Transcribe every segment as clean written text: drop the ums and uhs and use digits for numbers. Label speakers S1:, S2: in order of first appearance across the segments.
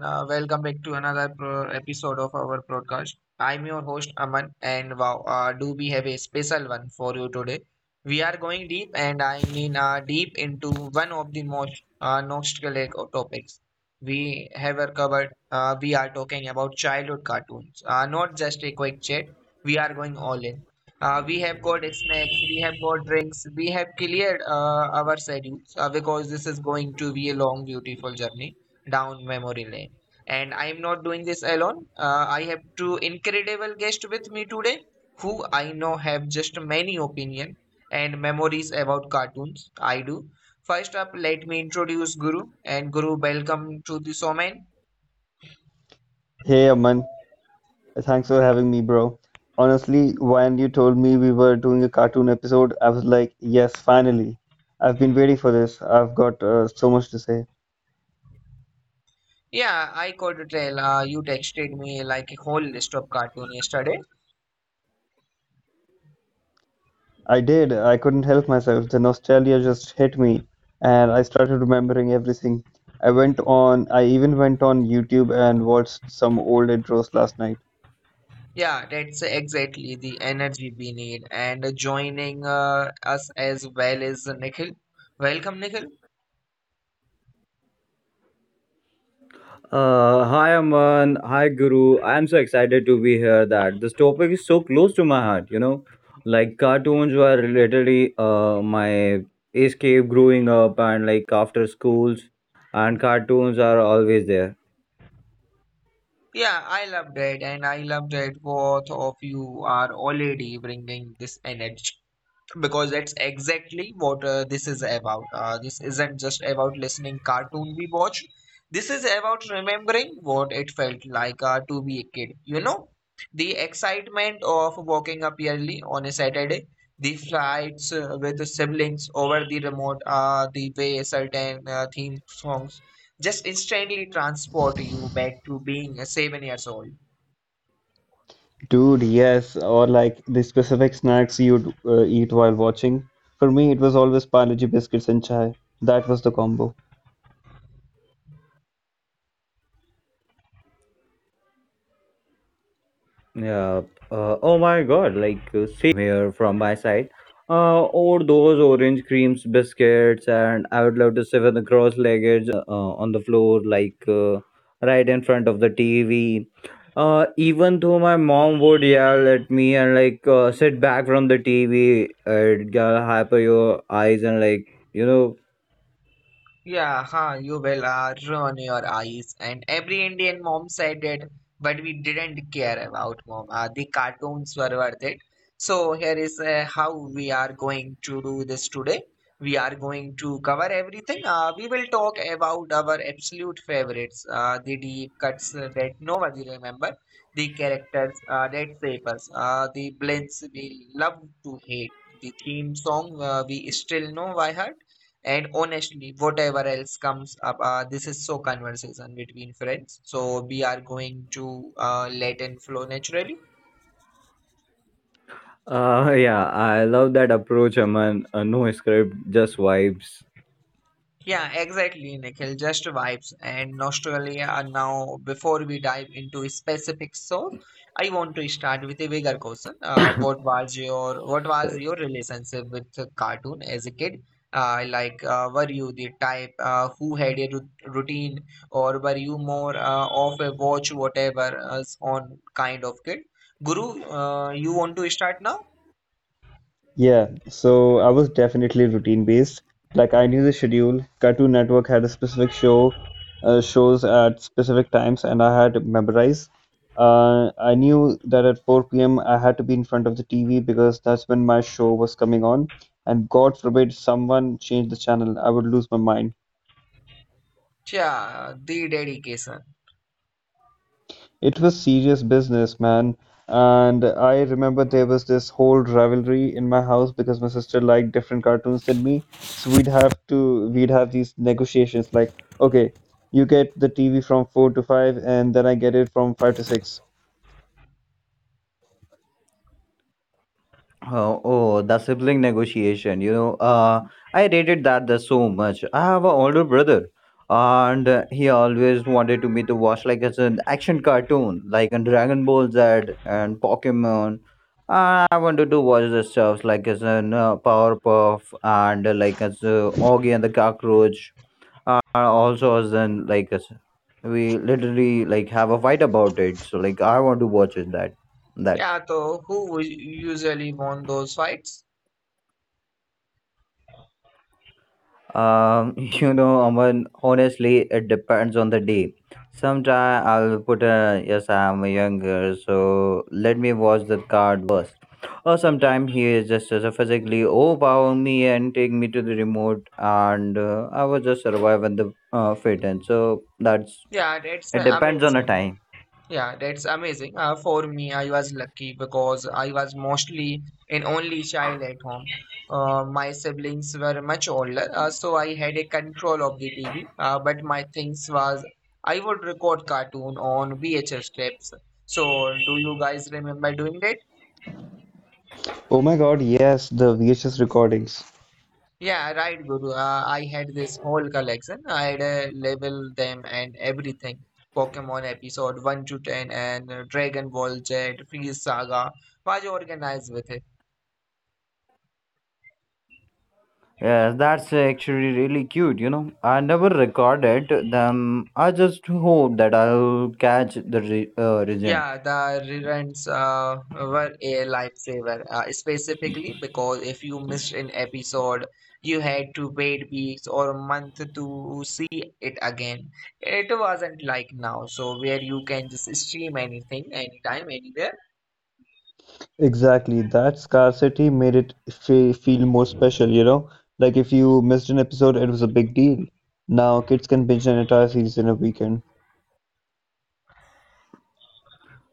S1: Welcome back to another episode of our podcast. I'm your host Aman, and wow, do we have a special one for you today? We are going deep, and I mean deep into one of the most nostalgic topics we have covered. We are talking about childhood cartoons, not just a quick chat. We are going all in. We have got snacks, we have got drinks, we have cleared our schedules because this is going to be a long, beautiful journey down memory lane. And I am not doing this alone. I have two incredible guests with me today who I know have just many opinions and memories about cartoons. I do. First up, let me introduce Guru. And Guru, welcome to the Soman.
S2: Hey Aman, thanks for having me, bro. Honestly, when you told me we were doing a cartoon episode, I was like, yes, finally. I've been waiting for this. I've got so much to say.
S1: Yeah, I could tell, you texted me like a whole list of cartoon yesterday.
S2: I did. I couldn't help myself. The nostalgia just hit me, and I started remembering everything. I even went on YouTube and watched some old intros last night.
S1: Yeah, that's exactly the energy we need. And joining us as well is Nikhil. Welcome, Nikhil.
S3: Hi Aman, hi Guru. I am so excited to be here. That this topic is so close to my heart. You know, like cartoons were literally my escape growing up and like after schools, and cartoons are always there.
S1: Yeah, I loved it, and I loved it. Both of you are already bringing this energy because that's exactly what this is about. This isn't just about listening cartoon we watch. This is about remembering what it felt like to be a kid. You know, the excitement of waking up early on a Saturday, the flights with the siblings over the remote, the way certain theme songs just instantly transport you back to being 7 years old.
S2: Dude, yes, or like the specific snacks you'd eat while watching. For me, it was always Parle-G biscuits and chai. That was the combo.
S3: Yeah. Oh my God! Like same here from my side. Or those orange creams, biscuits, and I would love to sit with the cross-legged on the floor, like right in front of the TV. Even though my mom would yell at me and like sit back from the TV, it got hyper your eyes and like you know.
S1: Yeah, huh, you will ruin your eyes. And every Indian mom said it, but we didn't care about mom. The cartoons were worth it. So here is how we are going to do this today. We are going to cover everything. We will talk about our absolute favorites, the deep cuts that nobody remember, the characters that shape us, the blends we love to hate, the theme song we still know by heart, and honestly, whatever else comes up, this is so conversation between friends. So we are going to let it flow naturally.
S3: Yeah, I love that approach, Aman. No script, just vibes.
S1: Yeah, exactly, Nikhil. Just vibes and nostalgia. Now, before we dive into specific songs, I want to start with a bigger question. What was your relationship with the cartoon as a kid? Like, were you the type who had a routine, or were you more of a watch whatever on kind of kid? Guru, you want to start now?
S2: Yeah, so I was definitely routine based. Like I knew the schedule. Cartoon Network had a specific shows at specific times, and I had to memorize. I knew that at 4 p.m. I had to be in front of the TV because that's when my show was coming on. And God forbid someone changed the channel, I would lose my mind.
S1: Yeah, the dedication.
S2: It was serious business, man, and I remember there was this whole rivalry in my house because my sister liked different cartoons than me. So we'd have these negotiations like, okay, you get the TV from 4 to 5, and then I get it from 5 to 6.
S3: Oh, oh, the sibling negotiation. You know, I rated that the so much. I have an older brother, and he always wanted to me to watch like as an action cartoon, like in Dragon Ball Z and Pokemon. And I wanted to watch the stuff like as an Powerpuff and like as Augie and the Cockroach. And also as an like as we literally like have a fight about it. So like I want to watch it that that.
S1: Yeah, so who usually won those fights?
S3: You know, Aman, honestly, it depends on the day. Sometime I'll put a yes, I'm younger, so let me watch the card first. Or sometimes he is just as a physically overpower me and take me to the remote, and I will just survive on the fit. And so that's
S1: Yeah, that's
S3: it depends on the
S1: amazing.
S3: time.
S1: Yeah, that's amazing. For me, I was lucky because I was mostly an only child at home. My siblings were much older, so I had a control of the TV. But my things was I would record cartoon on VHS tapes. So, do you guys remember doing that?
S2: Oh my God, yes, the VHS recordings.
S1: Yeah, right, Guru. I had this whole collection. I had label them and everything. Pokemon episode 1 to 10, and Dragon Ball Z, Freeze Saga was organized with it.
S3: Yes, that's actually really cute, you know. I never recorded them. I just hope that I'll catch the region.
S1: Yeah, the reruns were a lifesaver, specifically because if you missed an episode, you had to wait weeks or month to see it again. It wasn't like now, so where you can just stream anything, anytime, anywhere.
S2: Exactly. That scarcity made it fe feel more special, you know? Like if you missed an episode, it was a big deal. Now kids can binge an entire series in a weekend.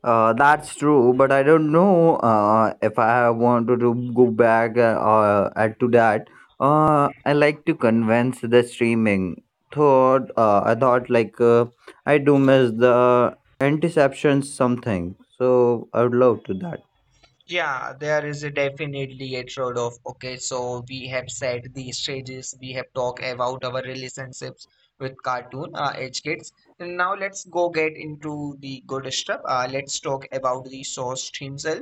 S3: That's true, but I don't know if I want to go back add to that. I like to convince the streaming thought. I thought like I do miss the interceptions something, so I would love to that.
S1: Yeah, there is a definitely a trade-off. Okay, so we have set the stages, we have talked about our relationships with cartoon age kids. And now let's go get into the good stuff. Let's talk about the source himself.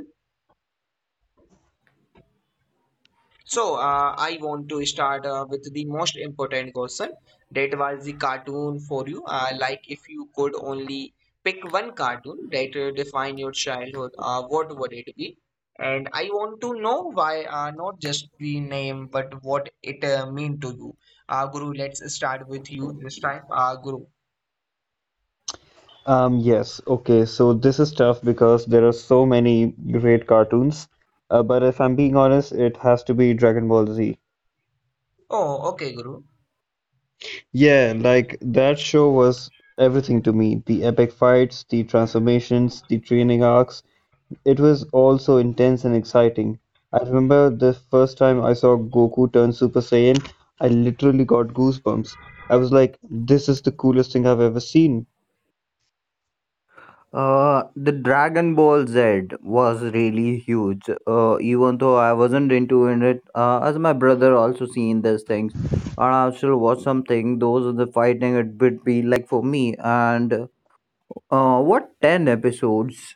S1: So, I want to start with the most important question. That was the cartoon for you. Like, if you could only pick one cartoon that define your childhood, what would it be? And I want to know why, not just the name, but what it mean to you. Guru, let's start with you this time. Guru.
S2: Yes, okay, so this is tough because there are so many great cartoons. But if I'm being honest, it has to be Dragon Ball Z.
S1: Oh, okay, Guru.
S2: Yeah, like that show was everything to me. The epic fights, the transformations, the training arcs. It was all so intense and exciting. I remember the first time I saw Goku turn Super Saiyan, I literally got goosebumps. I was like, this is the coolest thing I've ever seen.
S3: The Dragon Ball Z was really huge. Even though I wasn't into it, as my brother also seen these things, and I still watch something. Those are the fighting it would be like for me. And what ten episodes?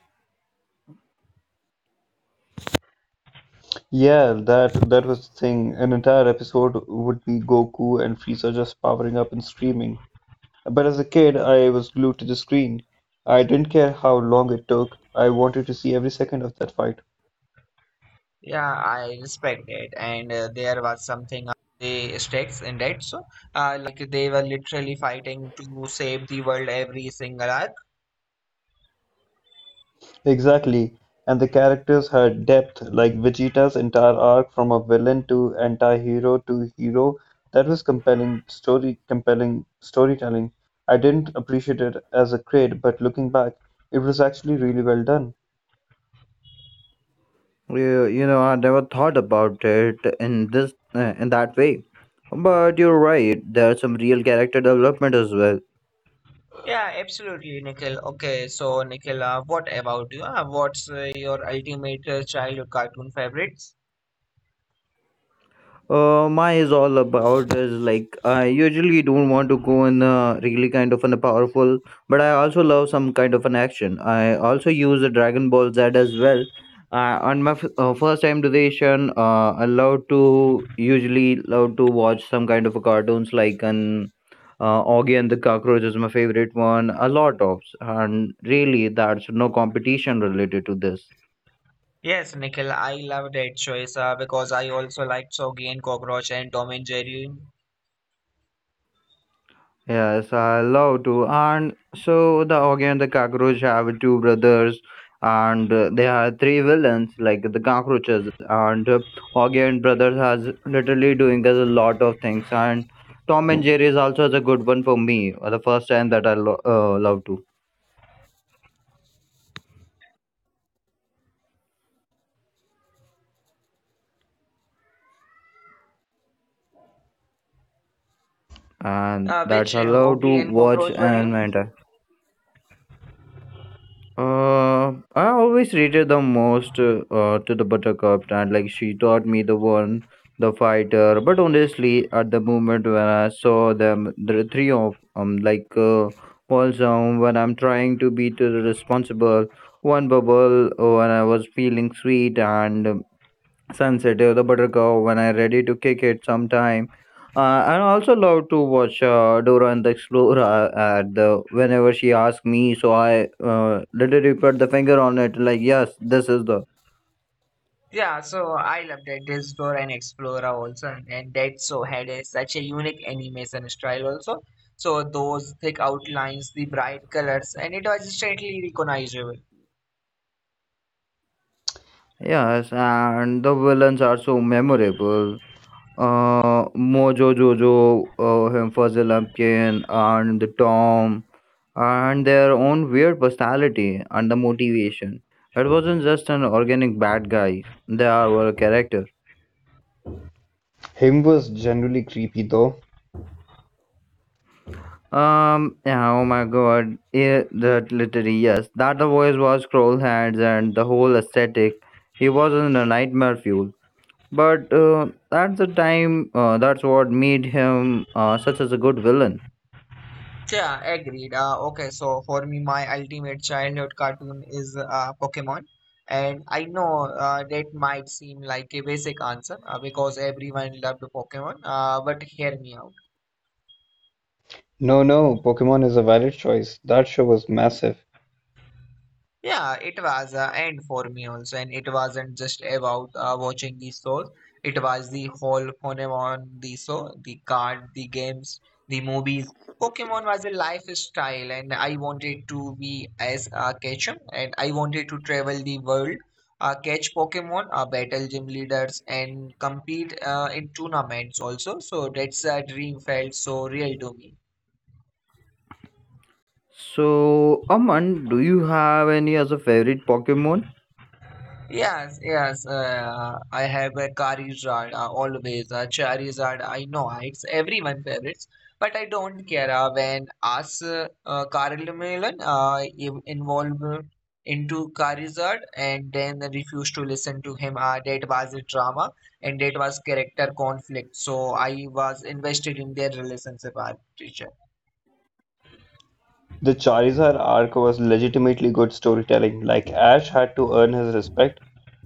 S2: Yeah, that was the thing. An entire episode would be Goku and Frieza just powering up and screaming. But as a kid, I was glued to the screen. I didn't care how long it took. I wanted to see every second of that fight.
S1: Yeah, I respect it. And there was something of the stakes in that. So, like they were literally fighting to save the world every single hour.
S2: Exactly. And the characters had depth, like Vegeta's entire arc from a villain to anti-hero to hero. That was compelling storytelling. I didn't appreciate it as a kid, but looking back, it was actually really well done.
S3: Yeah, you know, I never thought about it in this in that way. But you're right. There's some real character development as well.
S1: Yeah, absolutely, Nikhil. Okay, so Nikhil, what about you? What's your ultimate childhood cartoon favorites?
S3: My is all about is like I usually don't want to go in a really kind of an a powerful, but I also love some kind of an action. I also use the Dragon Ball Z as well. On my first time duration, the I love to usually love to watch some kind of a cartoons like an Augie and the Cockroach is my favorite one. A lot of and really that's no competition related to this.
S1: Yes, Nikhil, I love that choice because I also liked Soggy and Cockroach and Tom and Jerry.
S3: Yes, I love to. And so the again the cockroach have two brothers, and they are three villains like the cockroaches. And again brothers has literally doing us a lot of things. And Tom and Jerry is also is a good one for me. The first time that I love to, and that's
S1: Which
S3: I love to
S1: Oggy and
S3: watch
S1: Cockroach were you?
S3: and maintain. Uh, I always rated the most to the Buttercup, and like she taught me the one, the fighter. But honestly, at the moment when I saw them, the three of falls down when I'm trying to be to the responsible one bubble when I was feeling sweet and Sunset, the Buttercup, when I'm ready to kick it sometime. I also love to watch Dora and the Explorer at the whenever she asks me, so I literally put the finger on it, like yes, this is the
S1: Yeah, so I love that Discord and Explorer also, and that so had a, such a unique animation style also. So those thick outlines, the bright colors, and it was instantly recognizable.
S3: yes, and the villains are so memorable. Mojo Jojo, him Fuzzy Lumpkin, and the Tom, and their own weird personality and the motivation. It wasn't just an organic bad guy; they are were a character.
S2: Him was generally creepy though.
S3: Yeah, oh my God. Yeah, that literally yes. That the voice was scroll hands and the whole aesthetic. He was in a nightmare fuel. But that's the time. That's what made him such as a good villain.
S1: Yeah, agreed. Okay, so for me, my ultimate childhood cartoon is Pokemon, and I know that might seem like a basic answer because everyone loved Pokemon. But hear me out.
S2: No, Pokemon is a valid choice, that show was massive.
S1: Yeah, it was, and for me also, and it wasn't just about watching the shows. It was the whole phenomenon on the show, the card, the games, the movies. Pokemon was a lifestyle, and I wanted to be as Ketchum, and I wanted to travel the world, catch Pokemon, battle gym leaders, and compete in tournaments also. So that's a dream felt so real to me.
S3: So, Aman, do you have any as a favorite Pokemon?
S1: Yes, yes. I have a Charizard always. Charizard, I know it's everyone favorites, but I don't care when us Carlmelon involved into Charizard and then refused to listen to him. That was a drama and that was character conflict. So I was invested in their relationship, teacher.
S2: The Charizard arc was legitimately good storytelling, like Ash had to earn his respect.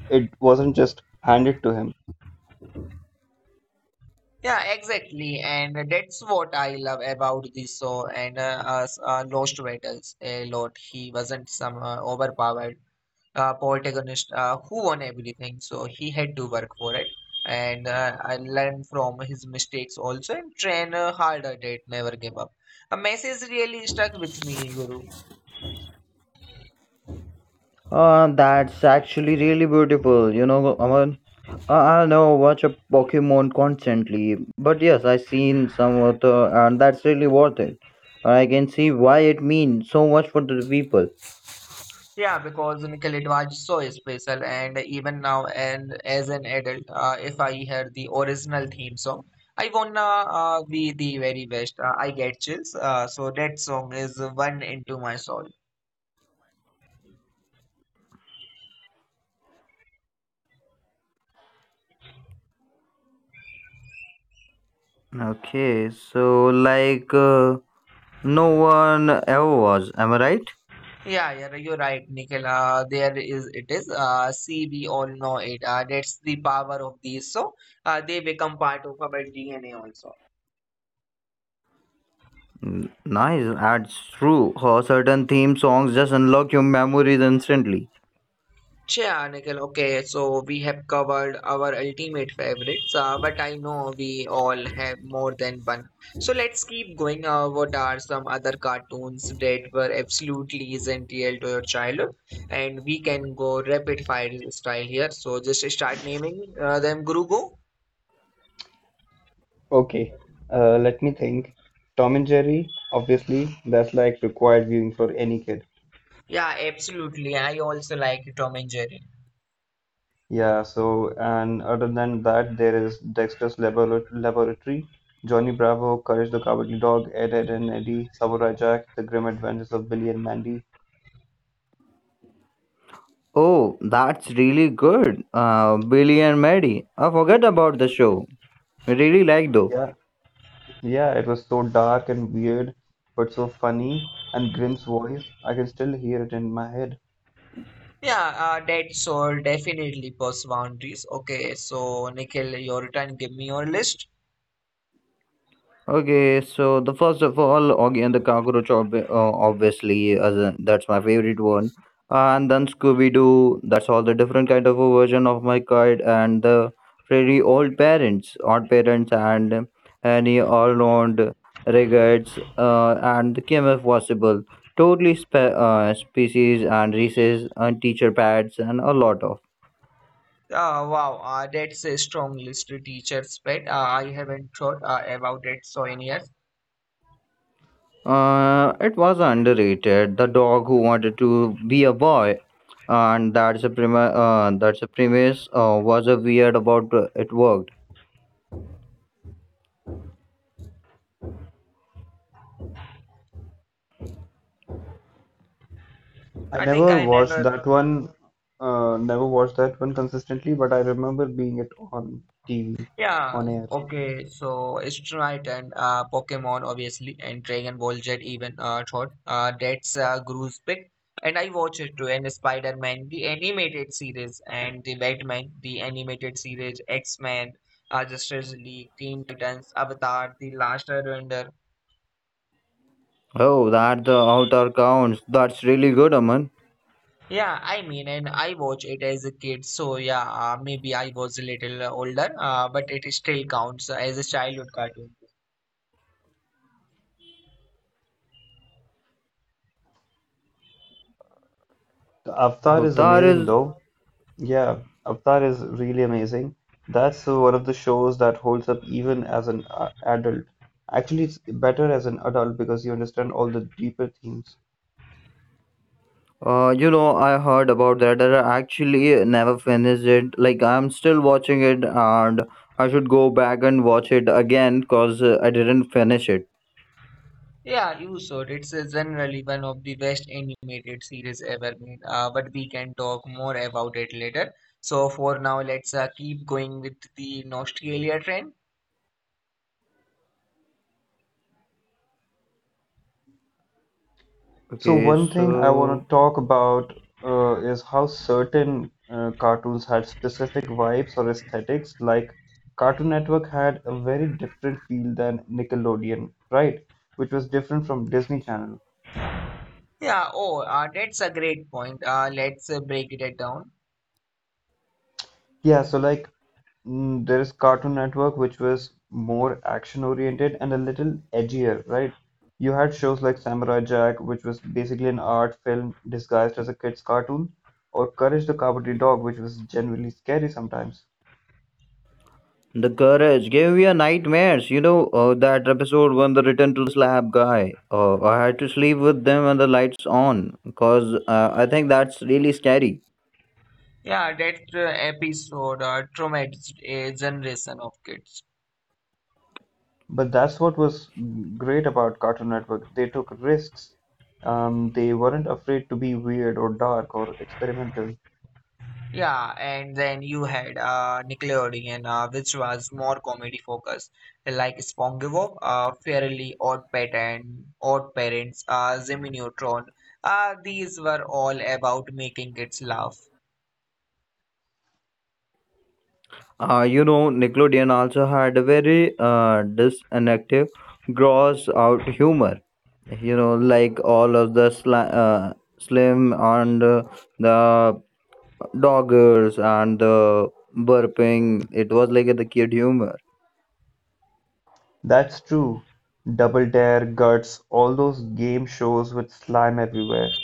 S2: It wasn't just handed to him.
S1: Yeah, exactly, and that's what I love about this show and us, Lost Battles a lot. He wasn't some overpowered protagonist who won everything, so he had to work for it and I learn from his mistakes also and train harder. That never give up. A message really stuck with me, Guru.
S3: That's actually really beautiful. You know, Aman, I know watch a Pokemon constantly, but yes, I seen some of the, and that's really worth it. I can see why it means so much for the people.
S1: Yeah, because Michael, it was so special, and even now, and as an adult, if I hear the original theme song, I wanna be the very best. I get chills. So that song is one into my soul.
S3: Okay, so like no one ever was, am I right?
S1: Yeah, yeah, you're right, Nikhil. There is it is. See, we all know it. That's the power of these. So they become part of our DNA also.
S3: Nice, that's true. How certain theme songs just unlock your memories instantly.
S1: Sure, Nikhil. Okay, so we have covered our ultimate favorites, but I know we all have more than one. So let's keep going. What are some other cartoons that were absolutely essential to your childhood? And we can go rapid fire style here. So just start naming them. Guru.
S2: Okay, let me think. Tom and Jerry, obviously, that's like required viewing for any kid.
S1: Yeah, absolutely. I also like Tom and Jerry.
S2: Yeah, so, and other than that, there is Dexter's Labor Laboratory, Johnny Bravo, Courage the Cowardly Dog, Ed, Ed and Eddie, Samurai Jack, The Grim Adventures of Billy and Mandy.
S3: Oh, that's really good. Billy and Maddie. I forget about the show. I really like though.
S2: Yeah, yeah, it was so dark and weird, but so funny. And Grimm's voice, I can still hear it in my head.
S1: Yeah, that soul definitely push boundaries. Okay, so Nikhil, your turn. Give me your list.
S3: Okay, so the first of all, Oggy and the Cockroach, obviously, as a, that's my favorite one. And then Scooby Doo. That's all the different kind of a version of my kid and the really old parents, odd parents, and any all round regards and the KMF possible. Totally species and races and teacher pads and a lot of.
S1: Wow, that's a strong list to teacher's pet. I haven't thought about it so in years.
S3: It was underrated. The dog who wanted to be a boy, and that's a premise. Was a weird about it worked.
S2: I
S1: I think
S2: never
S1: I
S2: watched
S1: never.
S2: that one, consistently, but I remember being it on TV,
S1: Yeah,
S2: on air.
S1: okay. So Strike and Pokemon obviously, and Dragon Ball Z even thought that's Gru's pick. And I watched it too, and Spider-Man, the animated series, and the Batman, the animated series, X-Men, Justice League, Teen Titans, Avatar, The Last Airbender.
S3: Oh, that the Avatar counts. That's really good, Aman.
S1: Yeah, I mean, and I watch it as a kid, so yeah, maybe I was a little older, but it still counts as a childhood cartoon.
S2: The Avatar is
S3: Avatar
S2: amazing,
S3: is.
S2: though. Yeah, Avatar is really amazing. That's one of the shows that holds up even as an adult. Actually, it's better as an adult because you understand all the deeper themes.
S3: You know, I heard about that. I actually never finished it. Like I'm still watching it, and I should go back and watch it again because I didn't finish it.
S1: Yeah, you should. It's generally one of the best animated series ever made, but we can talk more about it later. So for now, let's keep going with the nostalgia trend.
S2: So
S3: Okay,
S2: one thing I want
S3: so
S2: to talk about is how certain cartoons had specific vibes or aesthetics. Like Cartoon Network had a very different feel than Nickelodeon, right? Which was different from Disney Channel.
S1: Yeah, oh, that's a great point. Let's break it down.
S2: Yeah, so like there is Cartoon Network, which was more action oriented and a little edgier, right? You had shows like Samurai Jack, which was basically an art film disguised as a kid's cartoon, or Courage the Cowardly Dog, which was genuinely scary sometimes.
S3: the courage gave me a nightmares. That episode when the return to slab guy. I had to sleep with them and the lights on because I think that's really scary.
S1: Yeah, that episode traumatized a generation of kids.
S2: But that's what was great about Cartoon Network. They took risks. They weren't afraid to be weird or dark or experimental.
S1: Yeah, and then you had Nickelodeon, which was more comedy focused, like SpongeBob, Fairly Odd Pattern, Odd Parents, Jimmy Neutron. These were all about making kids laugh.
S3: You know, Nickelodeon also had a very disinactive, gross out humor. You know, like all of the slim and the doggers and the burping. It was like the kid humor.
S2: That's true. Double Dare, Guts, all those game shows with slime everywhere.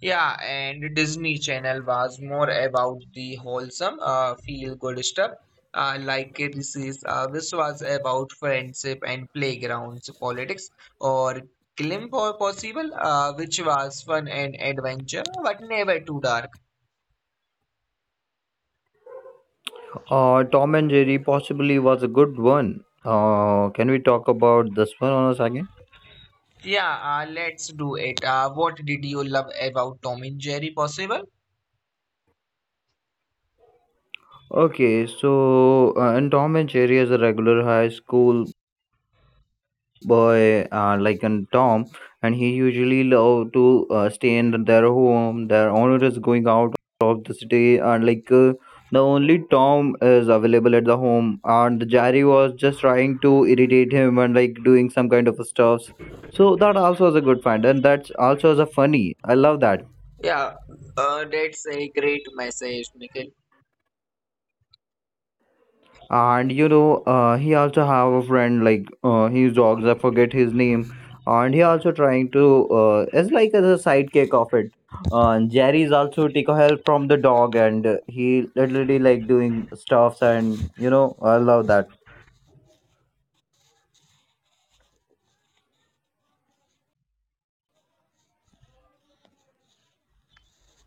S1: Yeah, and Disney Channel was more about the wholesome, feel-good stuff. Like this was about friendship and playgrounds, politics, or glim or possible, which was fun and adventure, but never too dark.
S3: Tom and Jerry possibly was a good one. Can we talk about this one on a second?
S1: Yeah, let's do it. What did you love about Tom and Jerry possible?
S3: Okay, so and Tom and Jerry is a regular high school boy, like and Tom, and he usually love to stay in their home. Their owner is going out of the city, and like the only Tom is available at the home, and Jerry was just trying to irritate him and like doing some kind of stuffs. So that also is a good find, and that's also is a funny. I love that.
S1: Yeah, that's a great message, Nikhil.
S3: And you know he also have a friend like his dogs, I forget his name, and he also trying to is like as a sidekick of it, and Jerry is also take a help from the dog, and he literally like doing stuffs, and you know I love that,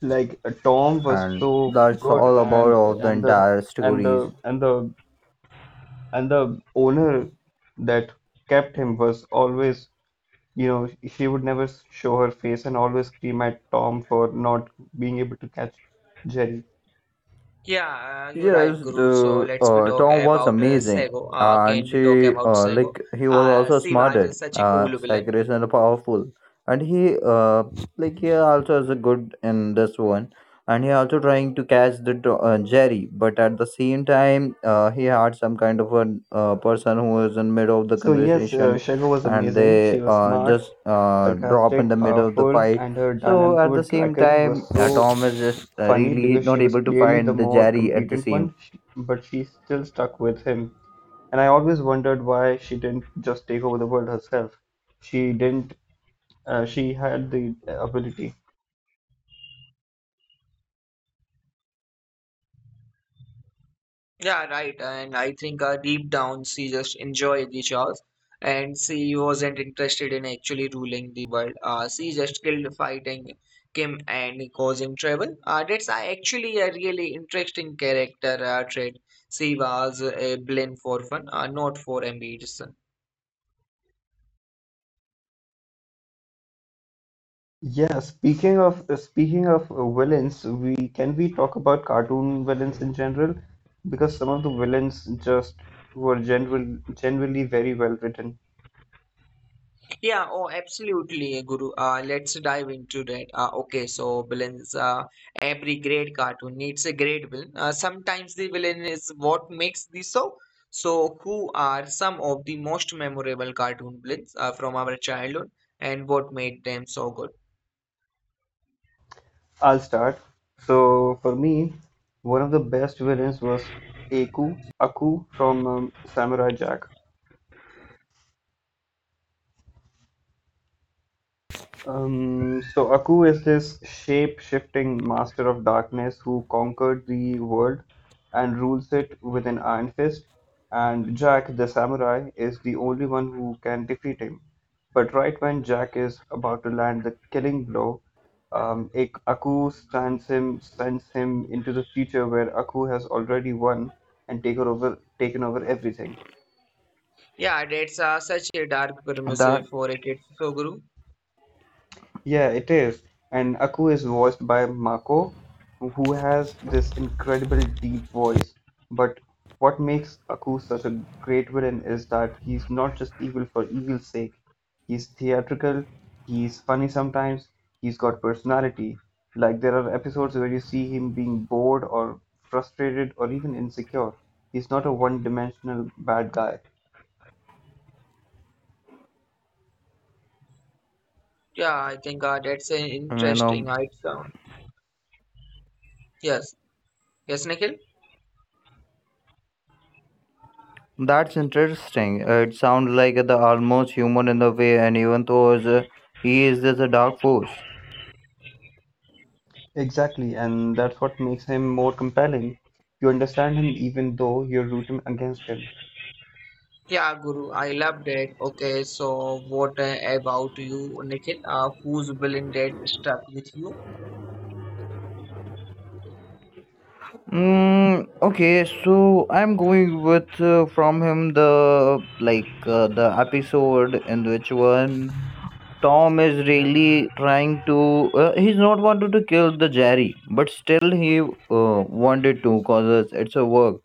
S2: Like Tom was
S3: and
S2: so
S3: that's
S2: good,
S3: all about
S2: and
S3: of the entire
S2: and
S3: stories.
S2: the and the and the owner that kept him was always, you know, she would never show her face and always scream at Tom for not being able to catch Jerry.
S1: Yeah, you're
S3: Yes,
S1: right, Guru. So
S3: the
S1: let's be talk
S3: Tom was
S1: about
S3: amazing,
S1: Sego.
S3: and
S1: Can we talk
S3: she
S1: about Sego?
S3: like he was also
S1: Sivaj is
S3: smarted,
S1: such a cool villain.
S3: sacrilegious and powerful, and he like he also is a good in this one, and he also trying to catch the Jerry, but at the same time, he had some kind of a person who is in middle of the
S2: So yes,
S3: conversation,
S2: Shego was
S3: and
S2: amazing.
S3: they
S2: She was smart,
S3: just drop in the
S2: sarcastic,
S3: middle of the
S2: powerful,
S3: fight,
S2: and her
S3: so
S2: dynamic
S3: at the
S2: with
S3: same
S2: Draken was
S3: time,
S2: so
S3: Tom is just
S2: funny
S3: really
S2: because she
S3: not
S2: was
S3: able to
S2: clearly the
S3: find the
S2: more
S3: Jerry at the
S2: competent
S3: same.
S2: one, but she still stuck with him. And I always wondered why she didn't just take over the world herself. She didn't. She had the ability.
S1: Yeah, right. And I think deep down, she just enjoyed the chores, and she wasn't interested in actually ruling the world. She just killed fighting Kim and causing trouble. That's actually a really interesting character trait. She was a villain for fun, not for ambition.
S2: Yeah, speaking of villains, we talk about cartoon villains in general? Because some of the villains just were generally very well written.
S1: Yeah, oh, absolutely, Guru. Let's dive into that. Okay, so villains, every great cartoon needs a great villain. Sometimes the villain is what makes the show. So, who are some of the most memorable cartoon villains from our childhood, and what made them so good?
S2: I'll start. So for me, one of the best villains was Aku Aku from Samurai Jack. So Aku is this shape-shifting master of darkness who conquered the world and rules it with an iron fist. And Jack, the samurai, is the only one who can defeat him. But right when Jack is about to land the killing blow, Aku stands him, sends him into the future where Aku has already won and taken over everything.
S1: Yeah, that's such a dark premise
S3: That
S1: for a kid, so Guru.
S2: Yeah, it is. And Aku is voiced by Mako, who has this incredible deep voice. But what makes Aku such a great villain is that he's not just evil for evil's sake. He's theatrical, he's funny sometimes, he's got personality. Like there are episodes where you see him being bored or frustrated or even insecure. He's not a one-dimensional bad guy.
S1: Yeah, I think that's an
S3: you
S1: interesting.
S3: know
S1: Yes, yes, Nikhil?
S3: that's interesting. It sounds like the almost human in the way, and even though is he is just a dark force.
S2: Exactly, and that's what makes him more compelling. You understand him even though you're rooting against him.
S1: Yeah, Guru, I loved it. Okay, so what about you, Nikhil? Who's villain that stuck with you?
S3: Okay, so I'm going with from him the like the episode in which one Tom is really trying to he's not wanted to kill the Jerry, but still he wanted to cause it's a work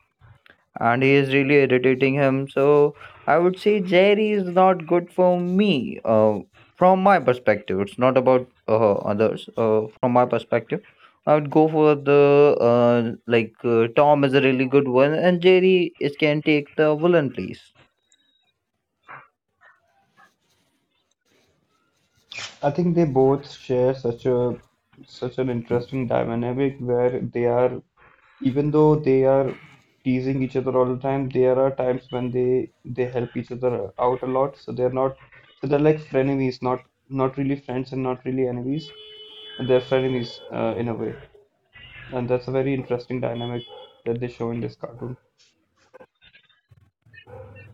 S3: and he is really irritating him. So I would say Jerry is not good for me. From my perspective, it's not about others. From my perspective, I would go for the like Tom is a really good one, and Jerry is can take the villain place.
S2: I think they both share such an interesting dynamic where they are, even though they are teasing each other all the time, there are times when they help each other out a lot. So they're like frenemies, not really friends and not really enemies. And they're frenemies in a way, and that's a very interesting dynamic that they show in this cartoon.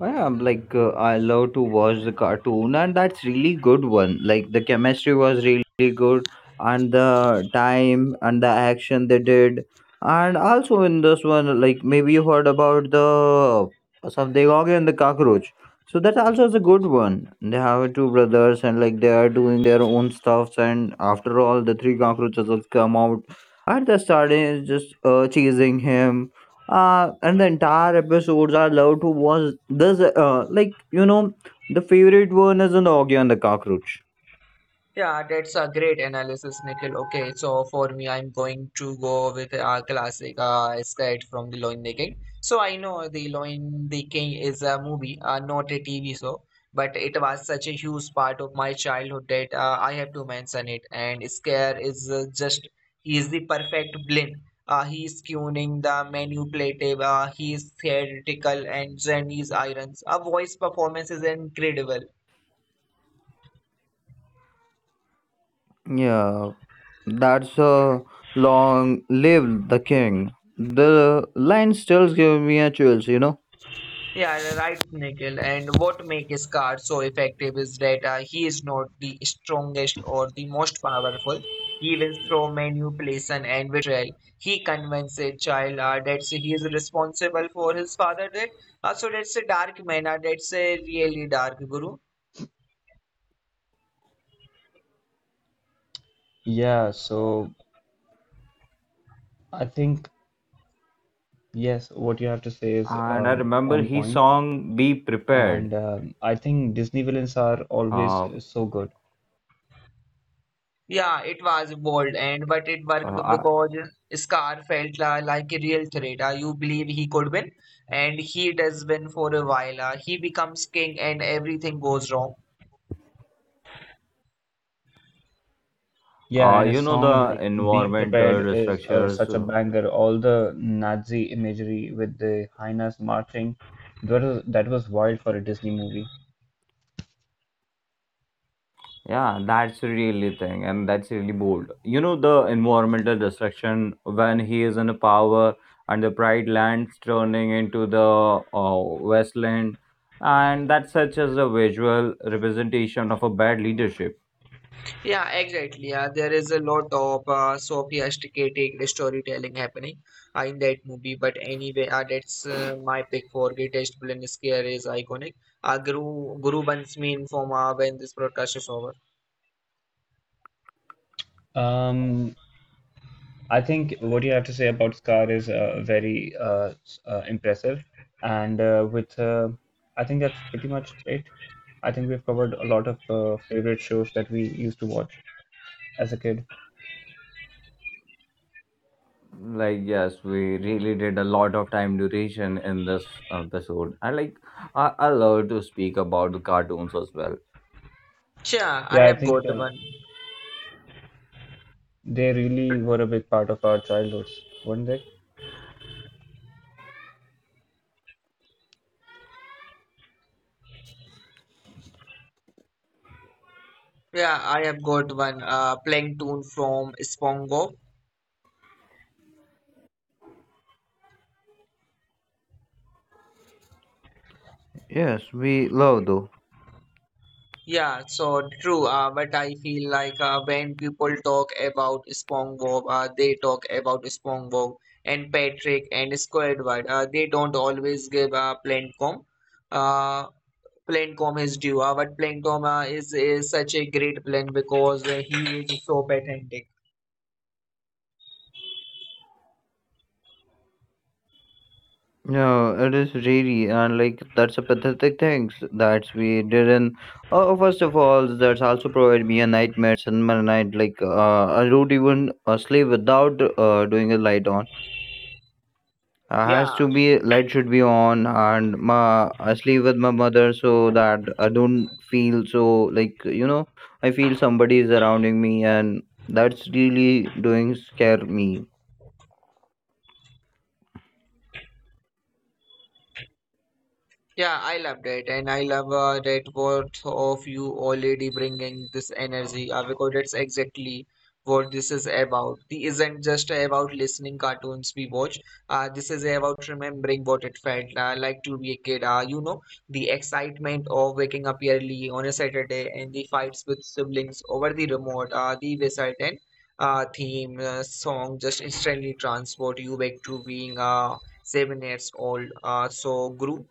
S3: Yeah, I'm like I love to watch the cartoon, and that's really good one. Like the chemistry was really good, and the time and the action they did, and also in this one, like maybe you heard about the something and the cockroach. So that also is a good one. They have two brothers, and like they are doing their own stuffs, and after all, the three cockroaches has come out, and they started just chasing him and the entire episodes I love to watch. This like you know the favorite one is an Augie and the Cockroach.
S1: Yeah, that's a great analysis, Nikhil. Okay, so for me, I'm going to go with a classic sketch from The Lion the King. So I know The Lion the King is a movie, not a TV show, but it was such a huge part of my childhood that I have to mention it. And Scare is he is the perfect blend. He is tuning the manipulative, he is theatrical, and Jenny's irons. A voice performance is incredible.
S3: Yeah, that's a long live the king, the line still give me a chills, you know,
S1: Yeah, right, Nikhil. And what makes Scar so effective is that he is not the strongest or the most powerful. Even through manipulation and betrayal, he convinces a child that he is responsible for his father death. So that's a dark man. That's a really dark guru.
S2: Yeah, so I think Yes, what you have to say is
S3: and I remember
S2: on
S3: his
S2: point,
S3: song be prepared.
S2: and I think Disney villains are always
S3: um
S2: so good.
S1: Yeah, it was bold and but it worked
S3: uh, I-
S1: because Scar felt like a real threat. You believe he could win, and he does win for a while. He becomes king, and everything goes wrong.
S2: Yeah, and a
S3: you know
S2: song
S3: the
S2: like "Be Prepared"
S3: environmental
S2: is
S3: structures.
S2: such a banger. All the Nazi imagery with the hyenas marching, that was wild for a Disney movie.
S3: Yeah, that's really thing, and that's really bold. You know, the environmental destruction when he is in power and the pride lands turning into the uh, wasteland, and that's such as a visual representation of a bad leadership.
S1: Yeah, exactly. Yeah, there is a lot of sophisticated storytelling happening in that movie. But anyway, that's my pick for greatest villain scare is iconic. Guru Bansmi inform when this broadcast is over.
S2: Um, I think what you have to say about Scar is very impressive, and with I think that's pretty much it. I think we've covered a lot of favorite shows that we used to watch as a kid.
S3: Like, yes, we really did a lot of time duration in this episode. I love to speak about the cartoons as well.
S1: Yeah,
S2: Yeah,
S1: I
S2: I
S1: have got
S2: think
S1: one.
S2: they really were a big part of our childhoods, weren't they?
S1: Yeah, I have got one. Plankton from Spongo.
S3: Yes, we love though.
S1: Yeah, so true. But I feel like when people talk about SpongeBob, they talk about SpongeBob and Patrick and Squidward. They don't always give Plancom. Uh, Plancom is due, but Plancom is such a great plan because he is so pathetic.
S3: No, it is really, and like that's a pathetic thing that we didn't. First of all, that's also provided me a nightmare, similar night. Like I don't even sleep without doing a light on. Has
S1: Yeah,
S3: to be light should be on, and my I sleep with my mother so that I don't feel so like you know I feel somebody is surrounding me, and that's really doing scare me.
S1: yeah, I loved it, and I love that both of you already bringing this energy because that's exactly what this is about. This isn't just about listening cartoons we watch. This is about remembering what it felt like to be a kid. The excitement of waking up early on a Saturday and the fights with siblings over the remote, the whistle and theme song just instantly transport you back to being 7 years old. So, Guru.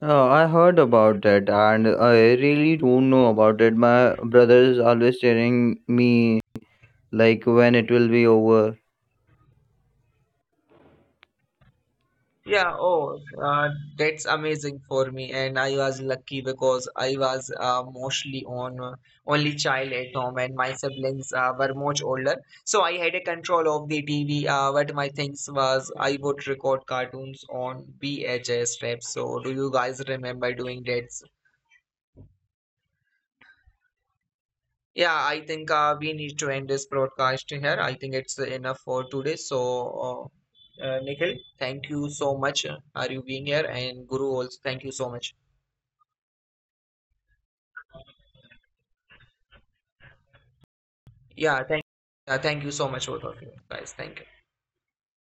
S3: I heard about that and I really don't know about it. My brother is always telling me like when it will be over.
S1: Yeah, oh, that's amazing for me, and I was lucky because I was mostly on only child at home, and my siblings were much older, so I had a control of the TV. What my things was, I would record cartoons on VHS tapes. So, do you guys remember doing that? Yeah, I think we need to end this broadcast here. I think it's enough for today. So, uh, Nikhil, thank you so much. Are you being here? And Guru also, thank you so much. Yeah, thank yeah, thank you so much both of you guys. Thank you.